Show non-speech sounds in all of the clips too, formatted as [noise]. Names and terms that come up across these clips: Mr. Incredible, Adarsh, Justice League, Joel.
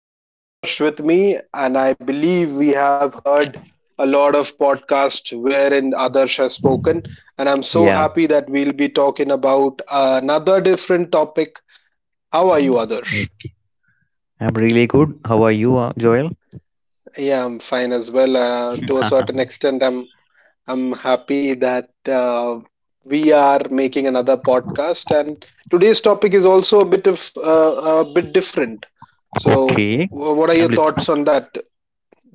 I have Adarsh with me, and I believe we have heard a lot of podcasts wherein Adarsh has spoken. And I'm so Yeah, happy that we'll be talking about another different topic. Mm. How are you, Adarsh? I'm really good. How are you, Joel? Yeah, I'm fine as well. To a certain [laughs] extent, I'm happy that we are making another podcast, and today's topic is also a bit of a bit different. So, Okay, what are I'm your lit- thoughts on that?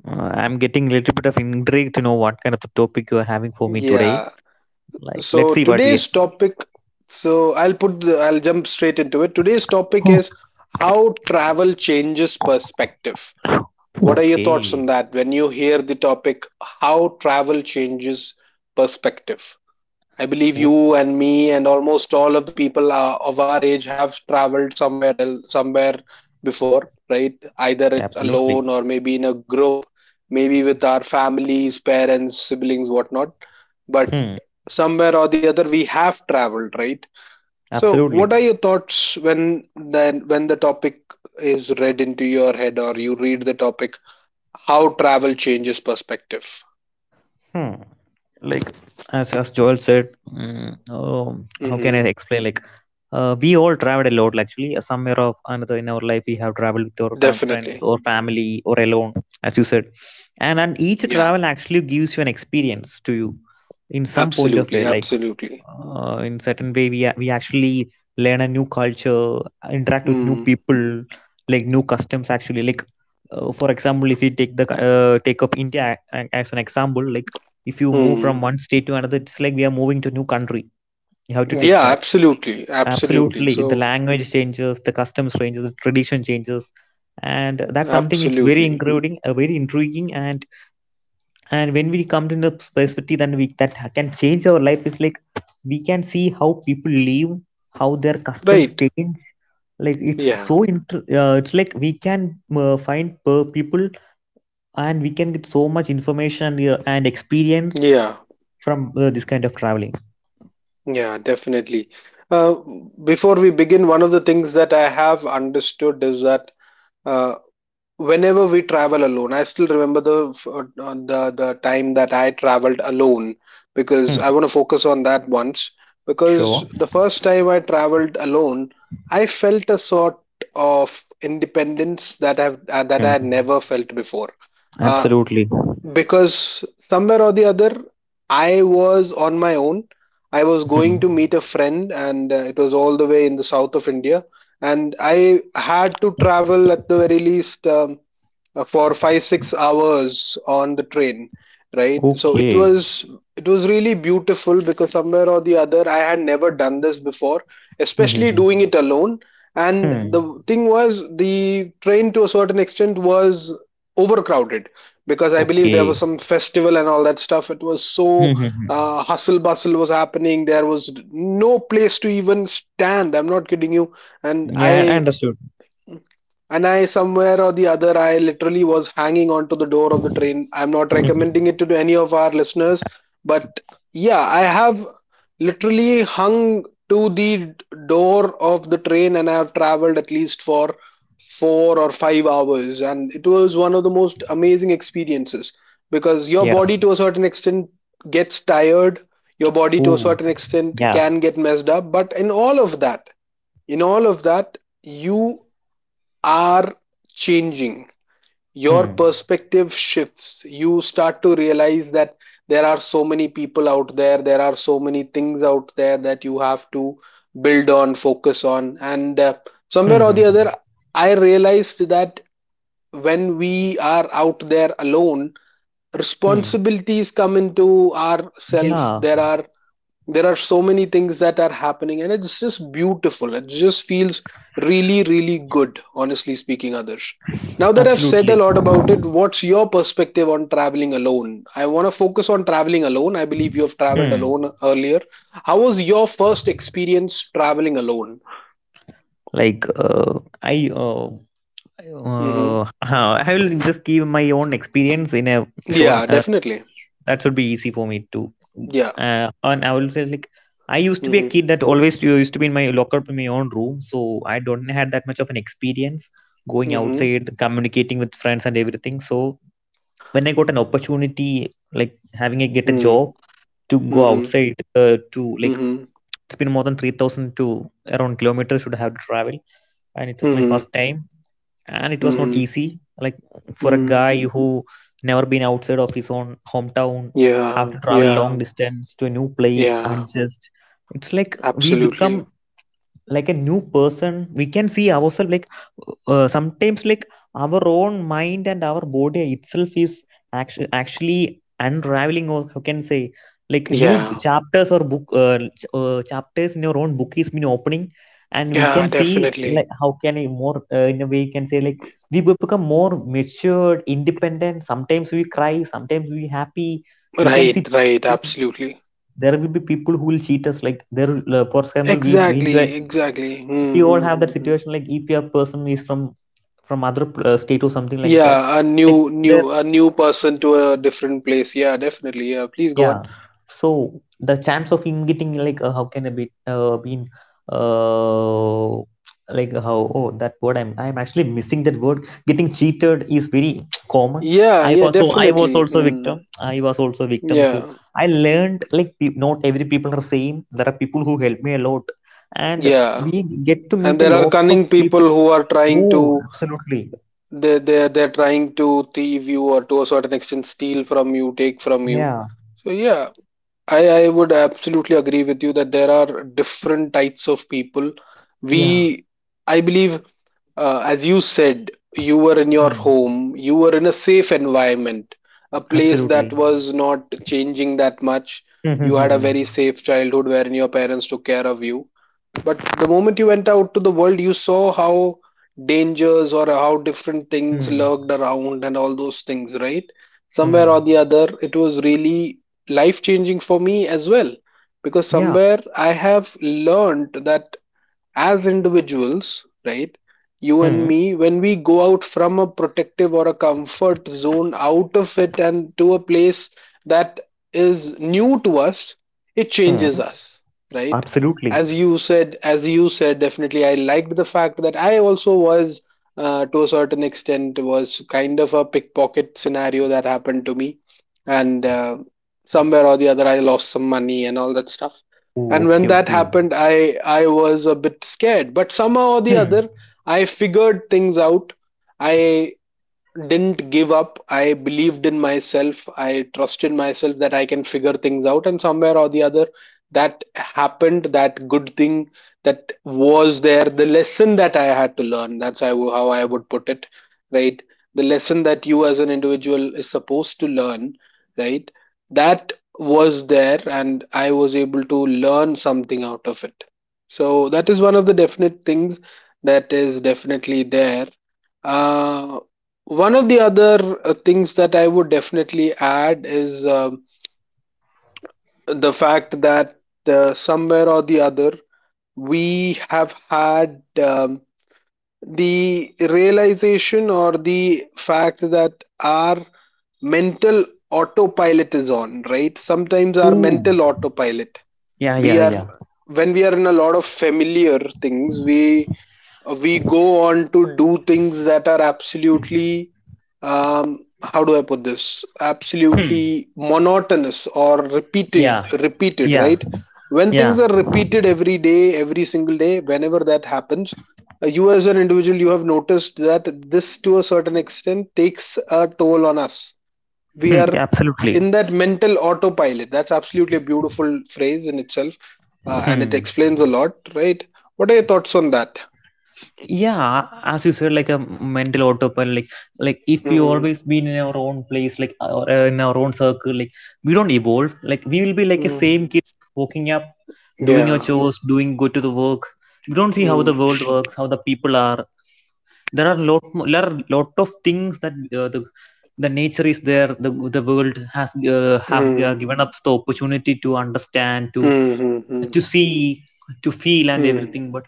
I'm getting a little bit of intrigued to know what kind of the topic you are having for me today. Yeah. Like, let's So see what we. today's topic. So I'll put. The, I'll jump straight into it. Today's topic Oh, is how travel changes perspective. What are your thoughts okay. on that? When you hear the topic, how travel changes perspective. I believe Oh, you and me and almost all of the people of our age have traveled somewhere else, somewhere before, right? Either it's alone absolutely. or maybe in a group, maybe with our families, parents, siblings, whatnot. But Hmm. somewhere or the other, we have traveled, right? So, Absolutely. what are your thoughts when then when the topic is read into your head or you read the topic? How travel changes perspective? Hmm. Like as Joel said, oh, how can I hmm explain? Like, we all traveled a lot. Actually, somewhere of another in our life, we have traveled with our friends Definitely. or family or alone, as you said, and each Yeah, travel actually gives you an experience to you in some point of way. absolutely, Like, absolutely. In certain way, we actually learn a new culture, interact with new Hmm. people, like new customs. Actually, like. For example, if we take of India as an example, like if you move from Hmm. one state to another, it's like we are moving to a new country. You have to Yeah, take that, absolutely. Absolutely. absolutely. The So, language changes, the customs changes, the tradition changes, and that's something it's very absolutely. intriguing, very intriguing. And when we come to the perspective, then we that can change our life. It's like we can see how people live, how their customs Right. change. Like it's Yeah. so it's like we can find per people, and we can get so much information, and experience Yeah. from this kind of traveling. Yeah, definitely. Uh, Before we begin, one of the things that I have understood is that uh, whenever we travel alone, I still remember the f- the time that I traveled alone, because Hmm. I want to focus on that once. Because Sure. the first time I traveled alone, I felt a sort of independence that I've that I Hmm. had never felt before. uh, Absolutely. because somewhere or the other, I was on my own. I was going Hmm. to meet a friend, and it was all the way in the south of India, and I had to travel at the very least, for 5 6 hours on the train, right? So it Okay. was, it was really beautiful, because somewhere or the other, I had never done this before, Hmm. Hmm, especially hmm. doing it alone. And Hmm. the thing was, the train, to a certain extent, was overcrowded, because I believe there was Okay. some festival and all that stuff. It was so, Hmm. Hmm, hmm. Hustle bustle was happening. There was no place to even stand, I'm not kidding you. and Yeah, I i understood. and I, somewhere or the other, I literally was hanging onto the door of the train. I'm not Hmm, hmm. recommending it to any of our listeners, but yeah, I have literally hung to the door of the train, and I have traveled at least for 4 or 5 hours. And it was one of the most amazing experiences, because your Yeah. body, to a certain extent, gets tired, your body, to a Ooh. certain extent, Yeah. can get messed up. But in all of that, in all of that, you are changing. Your Hmm. perspective shifts. You start to realize that there are so many people out there, there are so many things out there that you have to build on, focus on. And Hmm. somewhere or Hmm. the Hmm, other, I realized that when we are out there alone, hmm. responsibilities come into our self. Yeah. There are, there are so many things that are happening, and it's just beautiful. It just feels really, really good, honestly speaking. Others, now that I've said a Absolutely. lot about it, what's your perspective on traveling alone? I want to focus on traveling alone. I believe you have traveled Hmm. alone earlier. How was your first experience traveling alone? Like I uh, uh Hmm. huh, I will just give my own experience in a Yeah, short definitely. that should be easy for me too. Yeah. And I will say like I used to be a Hmm. kid that always used to be in my locker in my own room, so I don't had that much of an experience going Hmm. outside, communicating with friends and everything. So when I got an opportunity, like having a get a Hmm. job to go Hmm. outside, to like Hmm. it's been more than 3,000 to around kilometers should have to travel, and it was my Hmm. first time, and it was not Hmm. easy. Like for a Mm, guy who never been outside of his own hometown, yeah, have to travel yeah, long distance to a new place yeah, adjust. It's like we absolutely. become like a new person, we can see ourselves like sometimes, like our own mind and our body itself is actually unraveling, or how can say, like new Yeah, chapters or book chapters in your own book is been opening. And we yeah, can see, definitely. like how can I more, in a way you can say, like we will become more matured, independent, sometimes we cry, sometimes we happy. We can Right, see right, absolutely. there will be people who will cheat us. Like for example we been, Exactly, exactly. Hmm, we all hmm, have hmm, that hmm. situation, like if your person is from other state or something like that, Yeah, a like new, there, new, a new person to a different place. Yeah, definitely. Yeah, please go yeah, on. so the chance of him getting like how can I be been uh like how, oh, that word, I'm actually missing that word, getting cheated is very [tsk] common. Yeah, I yeah, also I was definitely. also Hmm. victim I was also victim. So Yeah, I learned, like not every people are same. There are people who help me a lot, and yeah. we get to And meet a there are lot of cunning people people. who are trying Oh, to, absolutely. they they're trying to thieve you, or to a certain extent steal from you, take from you. Yeah. So yeah, I would absolutely agree with you that there are different types of people. Yeah. We, I believe, as you said, you were in your Hmm. home, you were in a safe environment, a place that Absolutely. was not changing that much. Hmm. You Hmm. had a Hmm. very safe childhood wherein your parents took care of you. But the moment you went out to the world, you saw how dangers or how different Hmm. things Hmm. lurked around and all those things, right? Somewhere Hmm. or the other, it was really life changing for me as well. Because Yeah. somewhere I have learned that as individuals, right? You and Hmm. me, when we go out from a protective or a comfort zone, out of it and to a place that is new to us, it Hmm. changes us, right? Absolutely. As you said, definitely, I liked the fact that I also was, to a certain extent, was kind of a pickpocket scenario that happened to me, and somewhere or the other, I lost some money and all that stuff. Oh, And when okay, that okay. happened, I was a bit scared, but somehow or the Hmm. other, I figured things out. I didn't give up. I believed in myself. I trusted myself that I can figure things out. And somewhere or the other, that happened. That good thing that was there, the lesson that I had to learn. That's how I would put it, right? The lesson that you as an individual is supposed to learn, right? That was there, and I was able to learn something out of it. So that is one of the definite things that is definitely there. Uh, One of the other things that I would definitely add is, the fact that somewhere or the other, we have had, the realization or the fact that our mental autopilot is on, right? Sometimes our Oh. mental autopilot, Yeah, yeah, we are, yeah. when we are in a lot of familiar things, we go on to do things that are absolutely, how do I put this? Hmm. Absolutely monotonous or repeated, Yeah. repeated, Yeah. right? When Yeah. things are repeated every day, every single day, whenever that happens, you as an individual, you have noticed that this to a certain extent takes a toll on us. We Hmm. are Yeah, absolutely. in that mental autopilot. That's absolutely a beautiful phrase in itself, and it Hmm. explains a lot, right? What are your thoughts on that? Yeah, as you said, like a mental autopilot, like, if we Mhm. always been in our own place, like or in our own circle, like we don't evolve. Like we will be like a same Mm. kid, waking up, doing your Yeah. chores, doing go to the work. We don't see how the Mm. world works, how the people are. There are lot of things that, the nature is there, the world has, Mm. have Mm. given us the opportunity to understand, to Mm. Mm. See, to feel and Mm. everything. But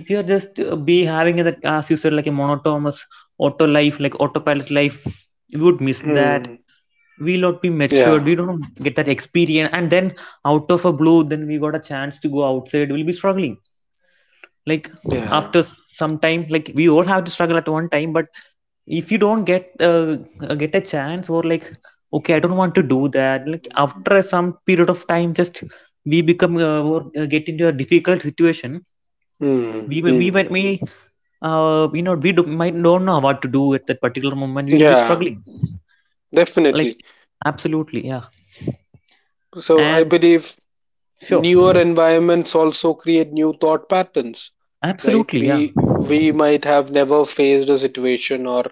if you're just, be having that, as you said, like a monotonous auto life, like autopilot life, you would miss that. Mm. We'll not be Yeah. matured, we don't get that experience, and then out of a blue, then we got a chance to go outside, we'll be struggling. Like Yeah. after some time, like we all have to struggle at one time. But if you don't get, get a chance, or like okay, I don't want to do that, like after some period of time, just we become, or get into a difficult situation. Mm. We Mm. might may, you know, we do, might don't know what to do at that particular moment, we'll be Yeah. struggling. Like, Definitely. absolutely, yeah. So I And believe sure, newer environments also create new thought patterns, right? absolutely, yeah. We might have never faced a situation, or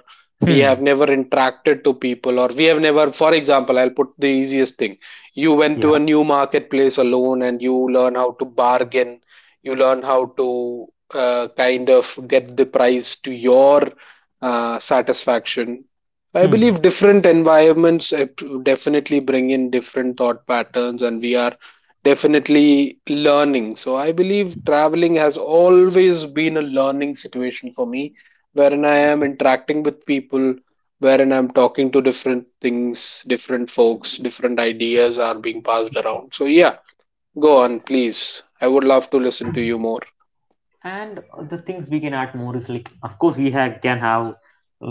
we have Hmm. never interacted to people, or we have never, for example, I'll put the easiest thing: you went Yeah. to a new marketplace alone and you learn how to bargain, you learn how to kind of get the price to your satisfaction. I Hmm. believe different environments definitely bring in different thought patterns, and we are definitely learning. So I believe traveling has always been a learning situation for me, wherein I am interacting with people, wherein I'm talking to different things, different folks, different ideas are being passed around. So yeah, go on, please. I would love to listen to you more. And the things we can add more is, like of course we have can have,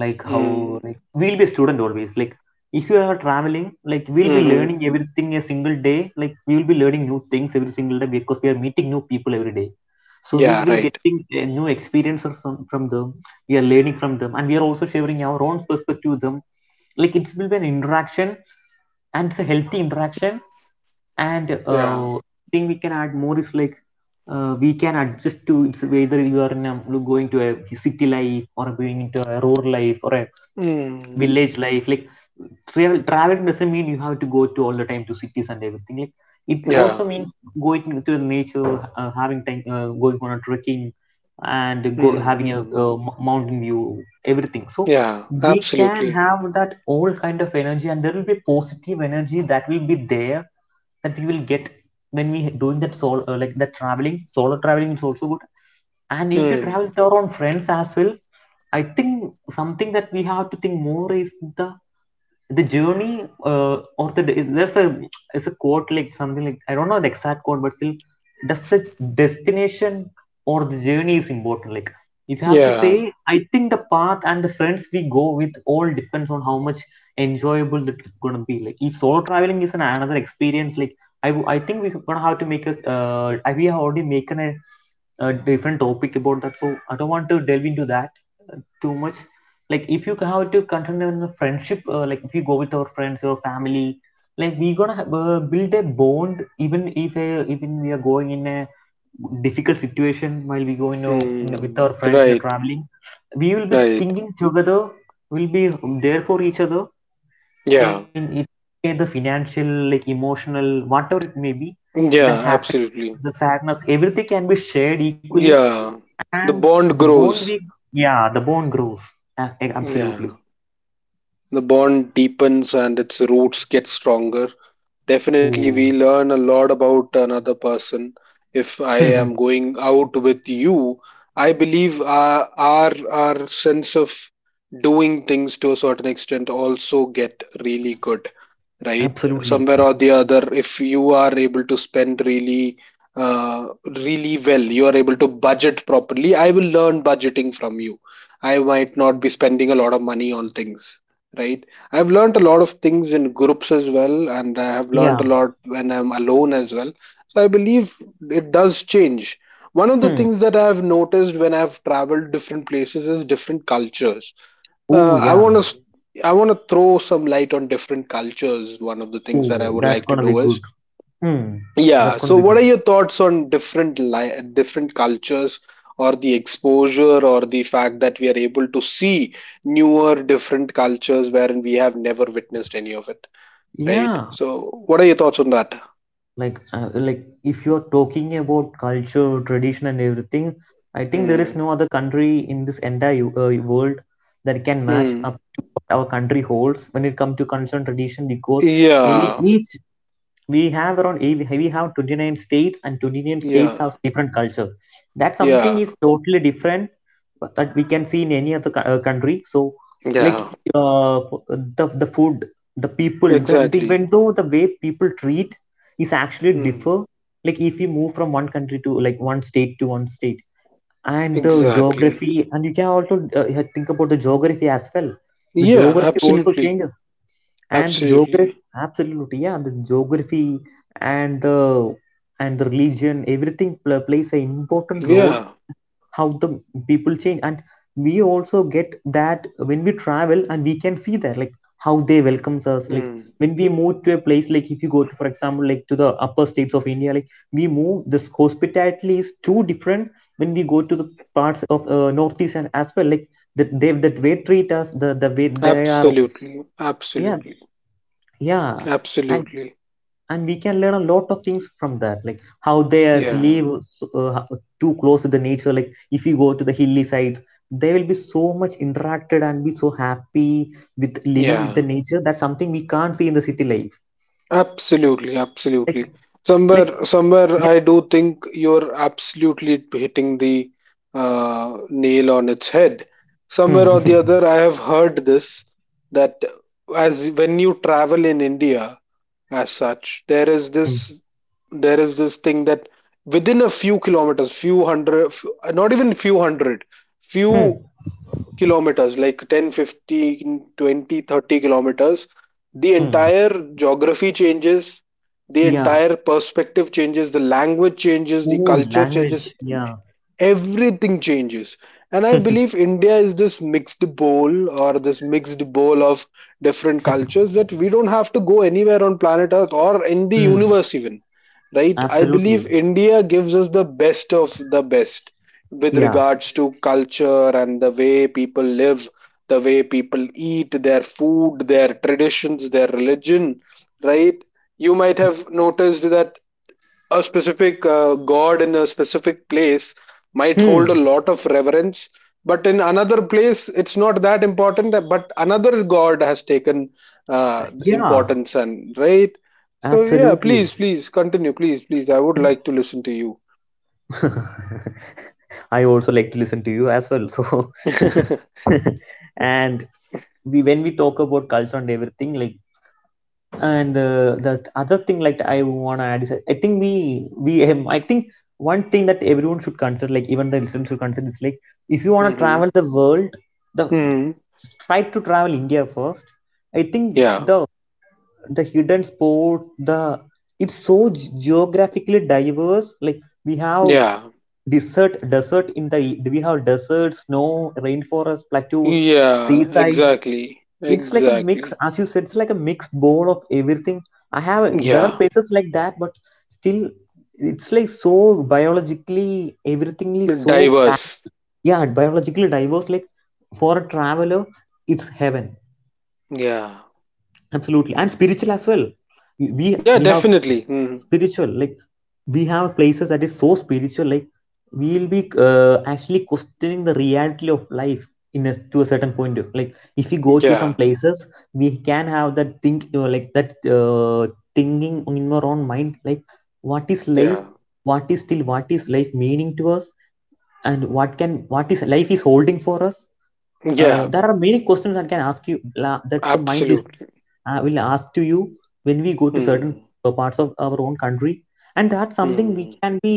like how, Mm, like we'll be a student always. Like if you are traveling, like we'll be hmm. learning everything a single day, like we will be learning new things every single day because we are meeting new people every day. So we Yeah, will right. getting a new experience or some, from them. We are learning from them, and we are also sharing our own perspective with them. Like it will be an interaction, and it's a healthy interaction. And Yeah. Thing we can add more is, like we can adjust to it's whether you are in a, going to a city life or going into a rural life or a Mm, village life. Like travel traveling doesn't mean you have to go to all the time to cities and everything. Like it also yeah. means going to the nature, having time, going on a trekking, and go Mm, having a mm, mm. Mountain view, everything. So Yeah, they can absolutely. have that all kind of energy, and there will be positive energy that will be there that we will get when we doing that solo, like that traveling, solo traveling is also good. And if you Mm, travel with your own friends as well, I think something that we have to think more is the journey, or the there's a, it's a quote, like something. Like I don't know the exact quote, but still, does the destination or the journey is important? Like if you have to yeah. say, I think the path and the friends we go with all depends on how much enjoyable the trip's gonna be. Like if solo traveling is an, another experience, like I think we're gonna have to make us, I- we have already making a different topic about that, so I don't want to delve into that, too much. Like if you have to continue in a friendship, like if you go with our friends, your family, like we gonna have, build a bond even if, even we are going in a difficult situation, while we go in a- with Mm, our friends in a right. traveling, we will be Right. thinking together, we'll be there for each other, Yeah. and it may the financial, like emotional, whatever it may be, the Yeah, happiness, the absolutely. sadness, everything can be shared equally. Yeah. And The the bond bond we grows. yeah, the bond grows. Absolutely. Yeah. The bond deepens and its roots get stronger. Ooh. Definitely, we learn a lot about another person. If I [laughs] am going out with you, I believe our sense of doing things to a certain extent also get really good. Right? Absolutely. Somewhere or the other, if you are able to spend really, really well, you are able to budget properly. I will learn budgeting from you. I might not be spending a lot of money on things, right? I've learned a lot of things in groups as well, and I have learned Yeah. a lot when I'm alone as well. So I believe it does change. One of the Hmm. things that I have noticed when I've traveled different places is different cultures. Oh uh, I yeah. want to I want to throw some light on different cultures. One of the things that I Oh, would that's like to gonna be do good. is, Hmm. That's yeah. gonna So, be what good. are your thoughts on different different cultures, or the exposure, or the fact that we are able to see newer different cultures wherein we have never witnessed any of it, right? Yeah. So, what are your thoughts on that? Like if you're talking about culture, tradition, and everything, I think there is Mm, no other country in this entire world that can match up mm, to what our country holds when it comes to culture and tradition because e- yeah, each we have we have 29 states and 29 states yeah, have different culture that something yeah, is totally different but that we can see in any other country. So like, yeah. uh, the food, the people, the Exactly. even though the way people treat is actually Mm, differ, like if we move from one state to one state, and the exactly. geography, and you can also yeah, think about the geography as well. The Yeah, geography also absolutely. changes, and the geography, Absolutely. absolutely, yeah, the geography and the, and the religion, everything plays an important role Yeah. how the people change. And we also get that when we travel, and we can see there like how they welcomes us, like Mm. when we move to a place, like if you go to for example like to the upper states of India, like we move, this hospitality is too different when we go to the parts of northeast and as well, like that they, that way treat us, the way they are. Absolutely. Yeah. Absolutely. Yeah. Absolutely. And we can learn a lot of things from that, like how they are Yeah. Too close to the nature. Like if you go to the hilly sides, they will be so much interacted and be so happy with living with Yeah. the nature. That's something we can't see in the city life. Absolutely. Like. Absolutely. Like. Somewhere, somewhere, Yeah. I do think you're absolutely hitting the nail on its head. Somewhere Hmm. or the other, [laughs] I have heard this that as when you travel in India, as such, there is Hmm. this thing that within a few kilometers, not even few hundred, Hmm. few kilometers, like 10, 15, 20, 30 kilometers, the Hmm. entire geography changes, the Yeah, entire perspective changes, the language changes, the oh, culture language, changes, yeah. everything changes. And I [laughs] believe India is this mixed bowl or this mixed bowl of different cultures, that we don't have to go anywhere on planet Earth or in the hmm. universe even, right? I believe Absolutely. India gives us the best of the best with Yeah. regards to culture and the way people live, the way people eat their food, their traditions, their religion, right? You might have noticed that a specific god in a specific place might Hmm. hold a lot of reverence, but in another place it's not that important, but another god has taken Yeah. importance, and right. So yeah, Absolutely. please please continue, please please, I would Like. like to listen to you. [laughs] I also like to listen to you as well. So, [laughs] Mm-hmm. [laughs] and we when we talk about culture and everything, like, and the other thing like I wanna add is I think we have, I think one thing that everyone should consider, like even the listeners should consider, is like, if you wanna travel the world, the Hmm. try to travel India first. I think Yeah, the hidden sport, the it's so geographically diverse. Like we have yeah, desert desert in the e- we have deserts, snow, rainforest, plateaus, yeah. seasides. Exactly, It's like a exactly. mix. As you said, it's like a mixed bowl of everything. I have, there Yeah. are places like that, but still it's like so biologically everything is so Diverse. packed. Yeah, biologically diverse, like for a traveler it's heaven. Yeah. Absolutely. And spiritual as well. we Yeah, we have definitely. Hmm. spiritual, like we have places that is so spiritual. Like we'll be actually questioning the reality of life in a, to a like if we go to some Yeah, places, we can have that think, you know, like that thinking in our own mind, like what is life, yeah, what is life meaning to us, and what is life is holding for us. Yeah. There are many questions that can ask you that the mind is, Absolutely. Will ask to you when we go to certain Hmm. Parts of our own country, and that's something we Hmm. can be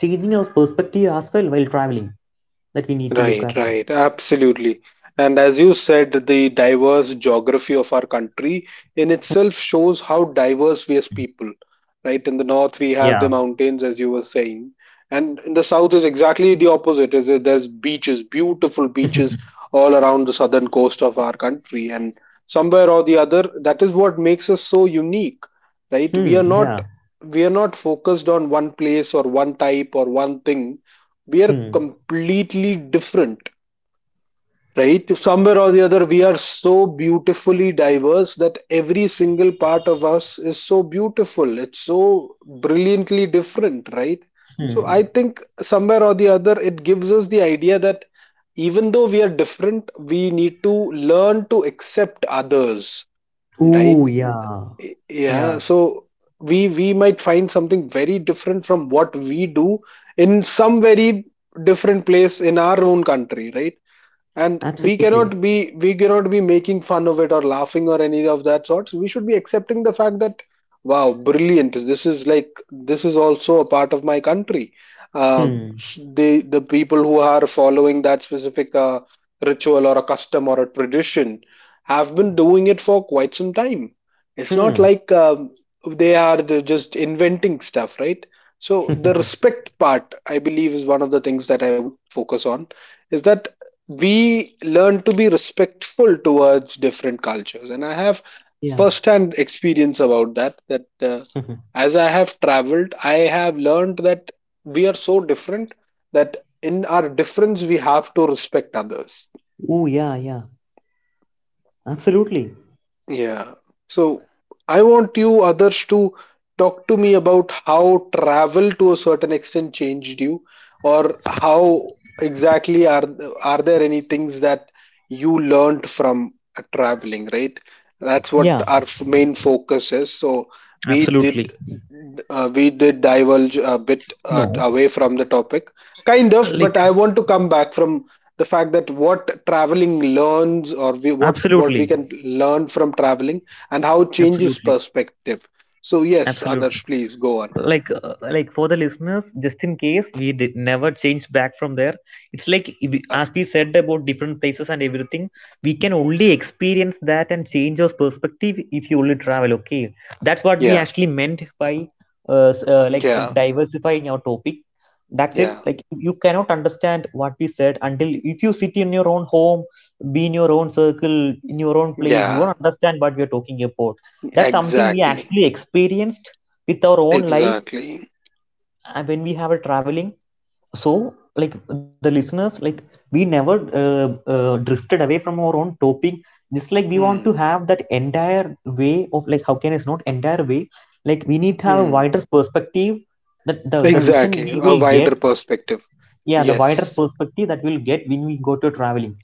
changing our perspective as well while traveling, that we need to look Right, after. right, absolutely. And as you said, the diverse geography of our country in itself shows how diverse we as people, right? In the north, we have the Yeah. mountains, as you were saying, and in the south is exactly the opposite. Is that there's beaches, beautiful [laughs] beaches all around the southern coast of our country, and somewhere or the other, that is what makes us so unique, right? We Hmm. are not Yeah. we are not focused on one place or one type or one thing, we are Hmm. completely different, right? Somewhere or the other, we are so beautifully diverse that every single part of us is so beautiful, it's so brilliantly different, right? So Hmm. I think somewhere or the other it gives us the idea that even though we are different, we need to learn to accept others, Ooh. right? Yeah. Yeah, Yeah. so we might find something very different from what we do in some very different place in our own country, right? And we Absolutely. cannot be we cannot be making fun of it or laughing or any of that sorts. We should be accepting the fact that wow, brilliant, this is like this is also a part of my country. uh, Hmm. the the people who are following that specific ritual or a custom or a tradition have been doing it for quite some time. It's not Hmm. like they're just inventing stuff, right? So the [laughs] respect part, I believe, is one of the things that I would focus on, is that we learn to be respectful towards different cultures, and I have yeah. first hand experience about that. That [laughs] as I have traveled, I have learned that we are so different that in our difference we have to respect others. Ooh. Yeah. Yeah. Absolutely. Yeah. So I want you others to talk to me about how travel to a certain extent changed you, or how exactly are there any things that you learned from traveling, right? That's what Yeah. our main focus is. So we did, Absolutely. Diverge a bit No. away from the topic, kind of, but Like. I want to come back from the fact that what traveling learns, or we, what we Absolutely. can learn from traveling and how it changes Absolutely. perspective. So yes, Absolutely. others, please go on. Like for the listeners, just in case we did never change back from there, it's like if we- Yeah, as we said about different places and everything, we can only experience that and change our perspective if you only travel. Okay, that's what we yeah, actually meant by like yeah, diversifying our topic. That's yeah, it. Like, you cannot understand what we said until if you sit in your own home, be in your own circle, in your own place, you yeah. won't understand what we are talking about. That's something we Exactly, actually experienced with our own life exactly. When we have a traveling. So like the listeners, like we never uh, drifted away from our own topic, just like we want Hmm. to have that entire way of like how can, it's not entire way, like we need to have a Hmm. wider perspective, that the vision Exactly, we a will get. wider perspective. Yeah, the wider Yes. perspective that we'll get when we go to traveling,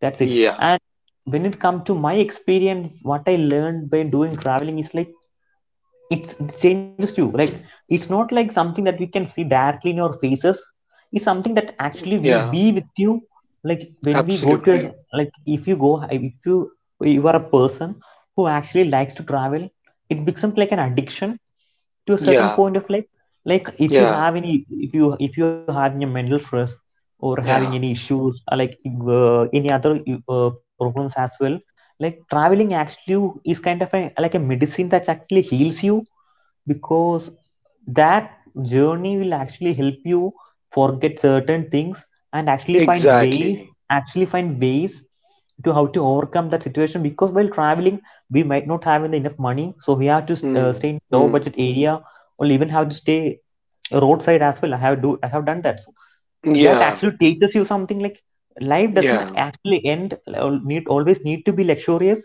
that's it. Yeah, And when it comes to my experience, what I learned by doing traveling is like, it's, it changes you. Like it's not like something that we can see directly in your faces. It's something that actually we yeah, be with you. Like when we go to absolutely. like if you, you are a person who actually likes to travel, it becomes like an addiction to a certain Yeah, point of life. Like if you yeah, have any, if you have any mental stress or having any yeah. issues or like any other problems as well, like traveling actually is kind of a, like a medicine that actually heals you, because that journey will actually help you forget certain things and actually find ways, Exactly. actually find ways to how to overcome that situation. Because while traveling we might not have enough money, so we have to stay Hmm. in low Hmm. budget area or even have to stay roadside as well. I have done that. So that Yeah, actually teaches you something, like life doesn't yeah, actually end need to be luxurious.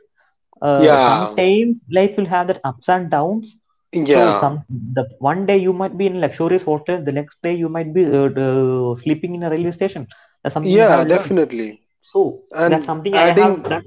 yeah. Sometimes life will have that ups and downs. So Yeah, some, the one day you might be in a luxurious hotel, the next day you might be sleeping in a railway station. That's something I yeah, have learned. definitely. So that's And something I have adding, done.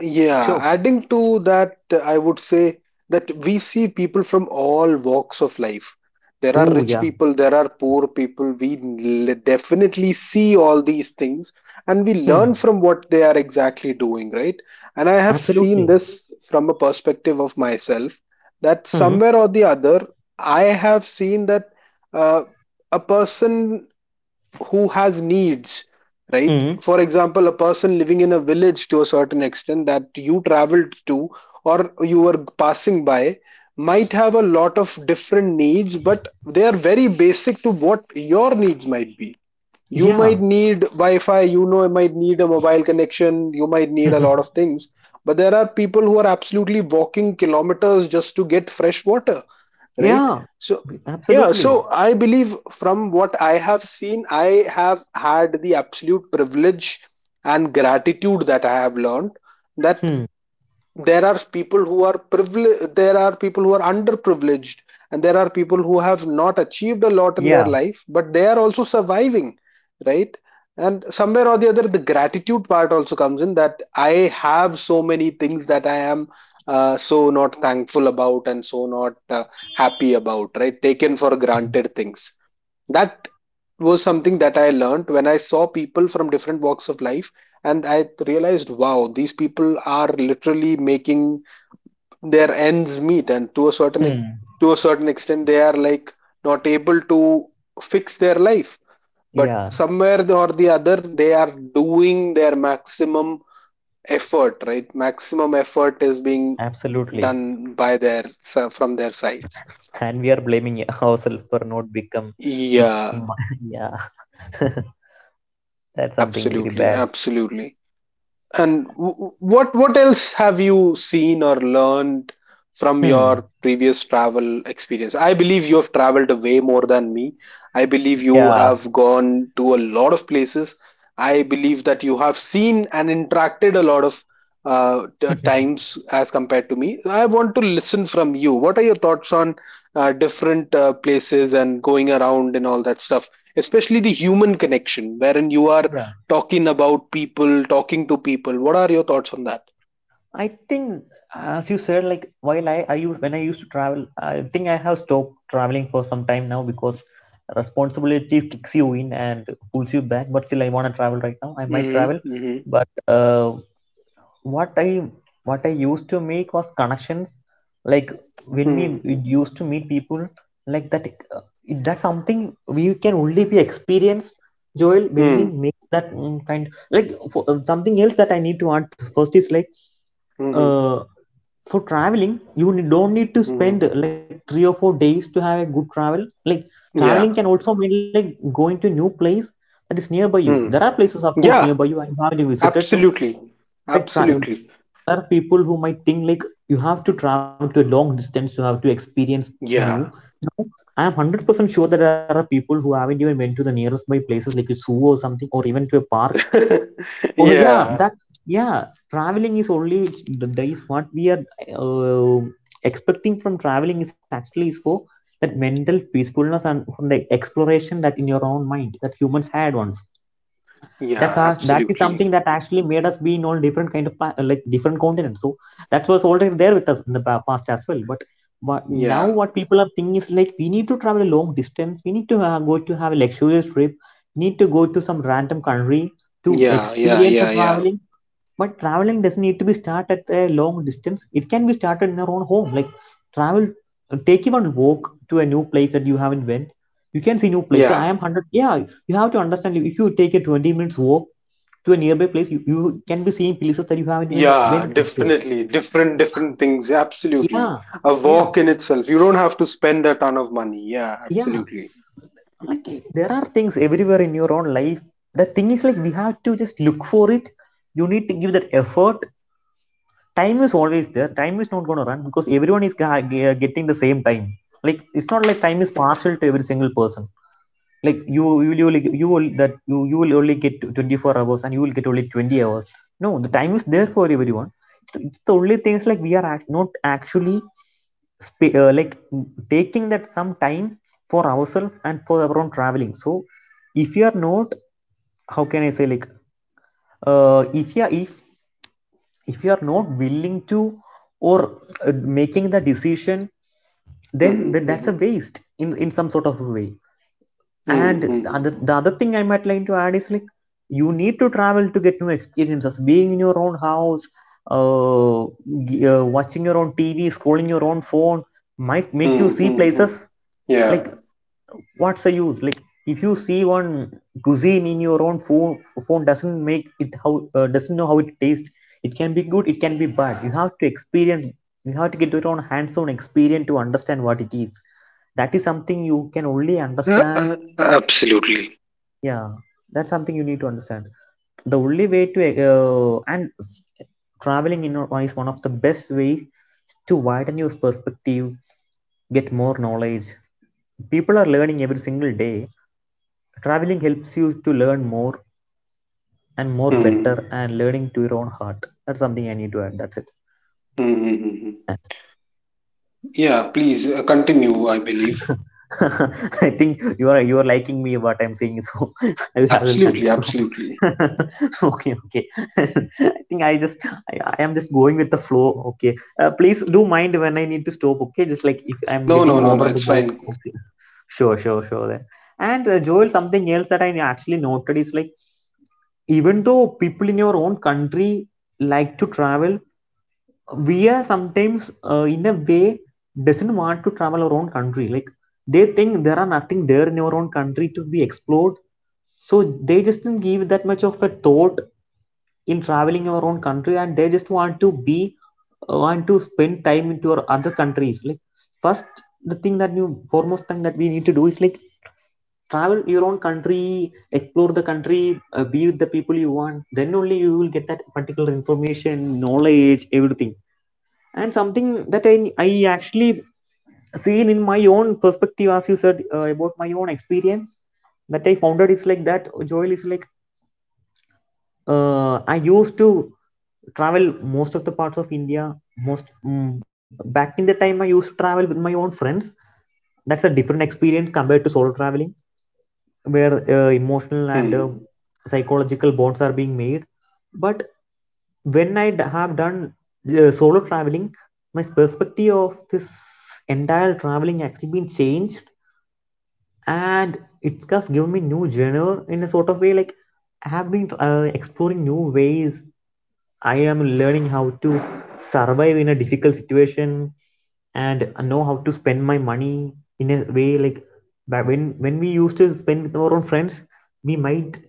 yeah, Sure. adding to that, I would say that we see people from all walks of life. There are Oh rich yeah. people, there are poor people. We definitely see all these things, and we Hmm. learn from what they are exactly doing, right? And I have seen Absolutely. this from a perspective of myself, that Hmm. somewhere or the other, I have seen that uh, a person who has needs, right, Mm. for example, a person living in a village to a certain extent that you traveled to or you were passing by, might have a lot of different needs, but they are very basic to what your needs might be. You might Yeah. need wi-fi, you know, you might need a mobile connection, you might need a lot of [laughs] things, but there are people who are absolutely walking kilometers just to get fresh water, right? Yeah. So yeah, Absolutely. so I believe, from what I have seen, I have had the absolute privilege and gratitude that I have learned that Hmm. there are people who are privileged, there are people who are underprivileged, and there are people who have not achieved a lot in their Yeah. life but they are also surviving, right? And somewhere or the other, the gratitude part also comes in, that I have so many things that I am so not thankful about and so not happy about, right? Taken for granted things, that was something that I learned when I saw people from different walks of life, and I realized, wow, these people are literally making their ends meet, and Hmm. to a certain extent, they are like not able to fix their life, but Yeah. somewhere or the other, they are doing their maximum effort. Right, maximum effort is being Absolutely. done by their from their sides. And we are blaming [laughs] ourselves for not become. Yeah, Become, [laughs] yeah. [laughs] That's something very absolutely, bad. absolutely. And what else have you seen or learned from Hmm. your previous travel experience? I believe you have traveled way more than me. I believe you Yeah. have gone to a lot of places. I believe that you have seen and interacted a lot of [laughs] times as compared to me. I want to listen from you. What are your thoughts on different places and going around and all that stuff? Especially the human connection, wherein you are Yeah, talking about people, talking to people. What are your thoughts on that? I think, as you said, like while I use when I used to travel, I think I have stopped traveling for some time now because responsibility kicks you in and pulls you back. But still, I want to travel right now. I might Mm-hmm. travel, Mm-hmm. but what i what I used to make was connections, like when we Mm-hmm. we used to meet people, like that, uh, that's something we can only be experienced joel when we Mm-hmm. make that kind, like for, something else that I need to add first is like, Mm-hmm. uh for traveling you don't need to Mm-hmm. spend like 3 or 4 days to have a good travel. Like Yeah. traveling can also mean like going to new place that is nearby you. Mm. There are places of course Yeah. nearby you and you haven't visited. So Absolutely. like Absolutely. there are people who might think like you have to travel to a long distance, you have to experience Yeah. new. No, I am 100% sure that there are people who haven't even went to the nearest by places like a zoo or something or even to a park. [laughs] Oh yeah, Yeah. that, yeah, traveling is only the days what we are uh, expecting from traveling is actually is for that mental peacefulness and from the exploration that in your own mind that humans had once. That's Yeah. our, that is Absolutely. something that actually made us be in all different kind of like different continents. So that was already there with us in the past as well. But now Yeah. what people are thinking is like we need to travel a long distance, we need to go to have a luxurious trip, need to go to some random country to Yeah. Yeah. experience the Yeah. Yeah. traveling. But traveling doesn't need to be started at a long distance, it can be started in your own home. Like travel, take even walk to a new place that you haven't went, you can see new places. I Yeah. am 100, yeah, you have to understand, if you take a 20 minutes walk to a nearby place, you can be seeing places that you haven't even Yeah. been before. Definitely. Different. Different things. Absolutely. Yeah. A Yeah. walk in itself. You don't have to spend a ton of money. Yeah. Yeah. Absolutely. Like there are things everywhere in your own life. The thing is like we have to just look for it. You need to give that effort. Time is always there. Time is not going to run because everyone is getting the same time. Like it's not like time is partial to every single person. Like you will only, you will only get 24 hours and you will get only 20 hours. No, the time is there for everyone. It's the, only thing is like we are not actually like taking that some time for ourselves and for our own traveling. So if you are not, how can I say, like uh, if you are if if you are not willing to or uh, making the decision, Mm-hmm. then that's a Mm-hmm. waste in some sort of a way. And Mm-hmm. Mm-hmm. The other thing I might like to add is like, you need to travel to get new experiences. Being in your own house, uh, watching your own TV, scrolling your own phone might make you Mm, see mm, mm. places. Yeah. Like, what's the use? Like if you see one cuisine in your own phone, phone doesn't make it how, doesn't know how it tastes. It can be good, it can be bad. You have to experience, you have to get your own hands-on experience to understand what it is. That is something you can only understand. Absolutely. Yeah, that's something you need to understand. The only way to, uh, and s- traveling in one is one of the best ways to widen your perspective, get more knowledge. People are learning every single day. Traveling helps you to learn more and more Mm, better and learning to your own heart. That's something I need to add, that's it. mm, mm, mm, mm. Yeah, please continue, I believe. [laughs] I think you are, you are liking me what I'm saying, so [laughs] I will Absolutely, absolutely. continue. [laughs] okay, okay. [laughs] I think I just, I am just going with the flow Okay. Please do mind when I need to stop, okay, just like if I'm No, getting no, no, over no, the it's board. fine. Okay. [laughs] Sure then. And Joel, something else that I actually noted is like, even though people in your own country like to travel, we are sometimes, in a way, doesn't want to travel our own country, like they think there are nothing there in your own country to be explored. So they just didn't give that much of a thought in traveling your own country, and they just want to be, want to spend time into your other countries, like first, the thing that you foremost thing that we need to do is like, travel your own country, explore the country, be with the people you want, then only you will get that particular information, knowledge, everything. And something that I actually seen in my own perspective, as you said, about my own experience, that I found out is like, that Joel, is like, I used to travel most of the parts of India. Back in the time, I used to travel with my own friends. That's a different experience compared to solo traveling, where emotional and Hmm. psychological bonds are being made. But when have done solo traveling, my perspective of this entire traveling actually been changed, and it's just given me new genre in a sort of way, like I have been exploring new ways. I am learning how to survive in a difficult situation, and know how to spend my money in a way like. But when we used to spend with our own friends, we might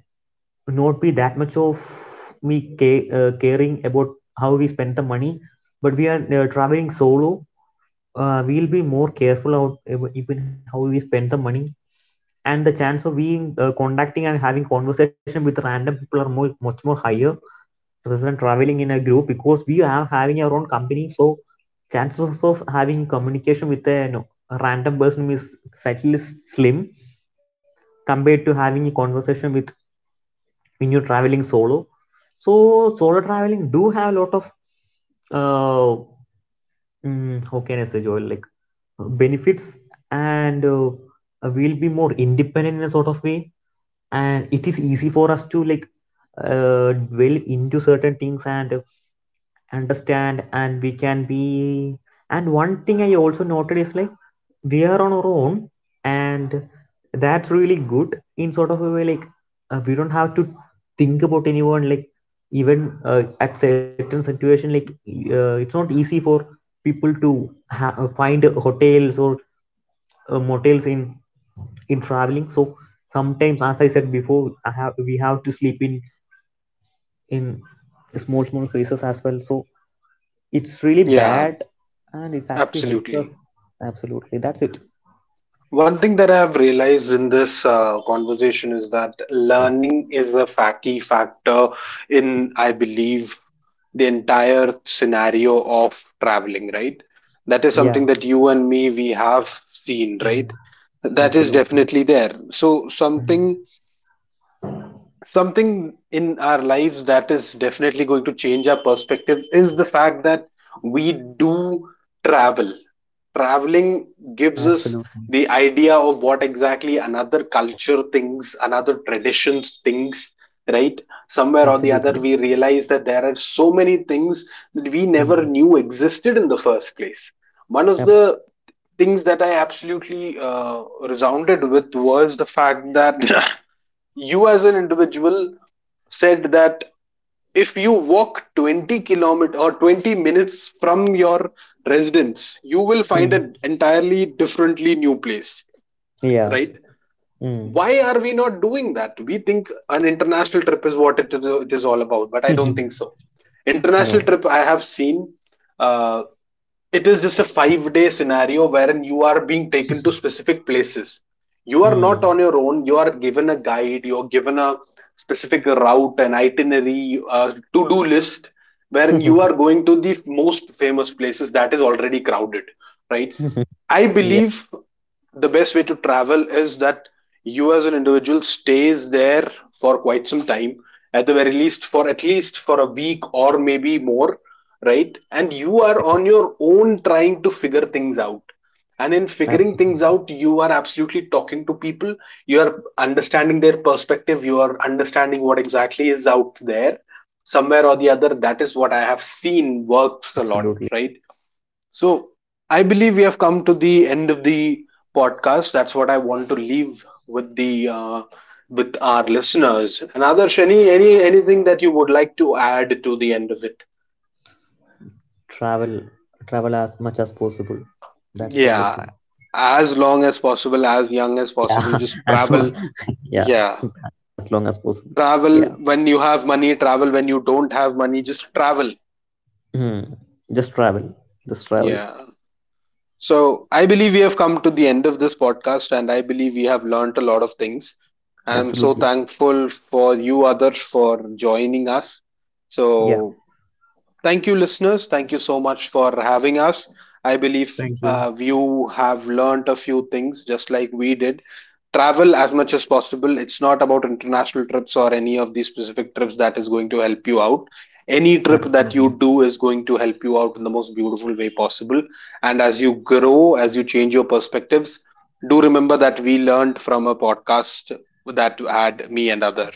not be that much of caring about how we spend the money. But we are, traveling solo, we'll be more careful out even how we spend the money. And the chance of being contacting and having conversation with random people are more, much more higher, rather than traveling in a group, because we are having our own company. So chances of having communication with a, a random person is slightly slim, compared to having a conversation with, when you're traveling solo. So solo traveling do have a lot of uh how can I say, Joel, like benefits. And we'll be more independent in a sort of way, and it is easy for us to, like, uh, delve into certain things and understand, and we can be. And one thing I also noted is like, we are on our own, and that's really good in sort of a way, like we don't have to think about anyone. Like even at certain situation, like it's not easy for people to find hotels or motels in traveling. So sometimes, as I said before, I have we have to sleep in small small places as well. So it's really Yeah, bad, and it actually helps us. absolutely. Absolutely, that's it. One thing that I have realized in this conversation is that learning is a key factor in, I believe, the entire scenario of traveling, right? That is Yeah. something that you and me we have seen, Mm. right? That is Absolutely. definitely there. So Mm. something in our lives that is definitely going to change our perspective is the fact that we do travel. Traveling gives us Absolutely. the idea of what exactly another culture thinks, another traditions thinks, right? Somewhere or the other, Absolutely. we realize that there are so many things that we never Mm. knew existed in the first place. One of Abs-. the things that I absolutely resounded with was the fact that [laughs] you as an individual said that if you walk 20 kilometer or 20 minutes from your residence, you will find Mm. an entirely differently new place, Yeah. right? Mm. Why are we not doing that? We think an international trip is what it is all about, but I [laughs] don't think so. No. International trip, I have seen, uh, it is just a 5-day scenario wherein you are being taken to specific places. You are not Mm. on your own, you are given a guide, you're given a specific route, an itinerary, a to-do list, wherein you [laughs] are going to the most famous places that is already crowded, right? I Yeah. believe the best way to travel is that you as an individual stays there for quite some time, at the very least, for at least for a week or maybe more, right? And you are on your own trying to figure things out, and in figuring Absolutely. things out, you are absolutely talking to people, you are understanding their perspective, you are understanding what exactly is out there. Somewhere or the other, that is what I have seen works a lot, Absolutely. right? So I Yeah. believe we have come to the end of the podcast. That's what I want to leave with the with our listeners. And Adarsh, anything that you would like to add to the end of it? Travel, travel as much as possible, that's the only Yeah, thing. as long as possible, as young as Yeah. possible, [laughs] just And travel. [laughs] yeah, Yeah. as long as possible. Yeah. Travel when you have money, travel when you don't have money, just travel. Hmm. Just travel. Just travel. Yeah. So I believe we have come to the end of this podcast, and I believe we have learned a lot of things. And I'm so Absolutely. thankful for you, others, for joining us. Yeah. So thank you, listeners. Thank you so much for having us. I believe Thank you. You have learned a few things just like we did. Travel as much as possible. It's not about international trips or any of these specific trips that is going to help you out. Any trip that Absolutely. you do is going to help you out in the most beautiful way possible. And as you grow, as you change your perspectives, do remember that we learned from a podcast that had me and other.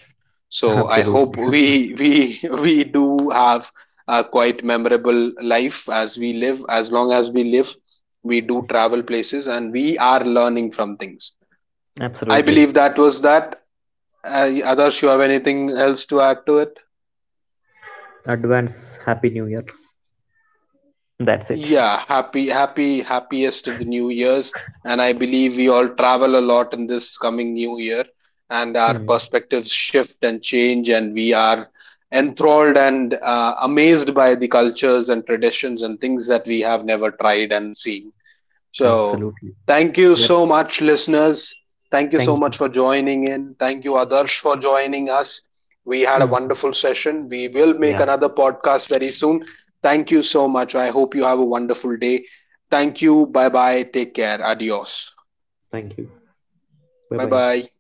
[laughs] So I Absolutely. hope we [laughs] we do have a quite memorable life as we live. As long as we live, we do travel places and we are learning from things. [laughs] I Absolutely. believe that was that. Adarsh, you have anything else to add to it? Advance Happy New Year. That's it. Yeah, happy, happy, happiest of the new years. And I believe we all travel a lot in this coming new year, and our Hmm. perspectives shift and change, and we are enthralled and amazed by the cultures and traditions and things that we have never tried and seen. So, Absolutely. thank you so That's much, listeners. Thank you so thank you. much for joining in. Thank you, Adarsh, for joining us. We had a Mm. wonderful session. We will make Yeah. another podcast very soon. Thank you so much. I hope you have a wonderful day. Thank you. Bye bye. Take care. Adios. Thank you. Bye Bye bye. bye.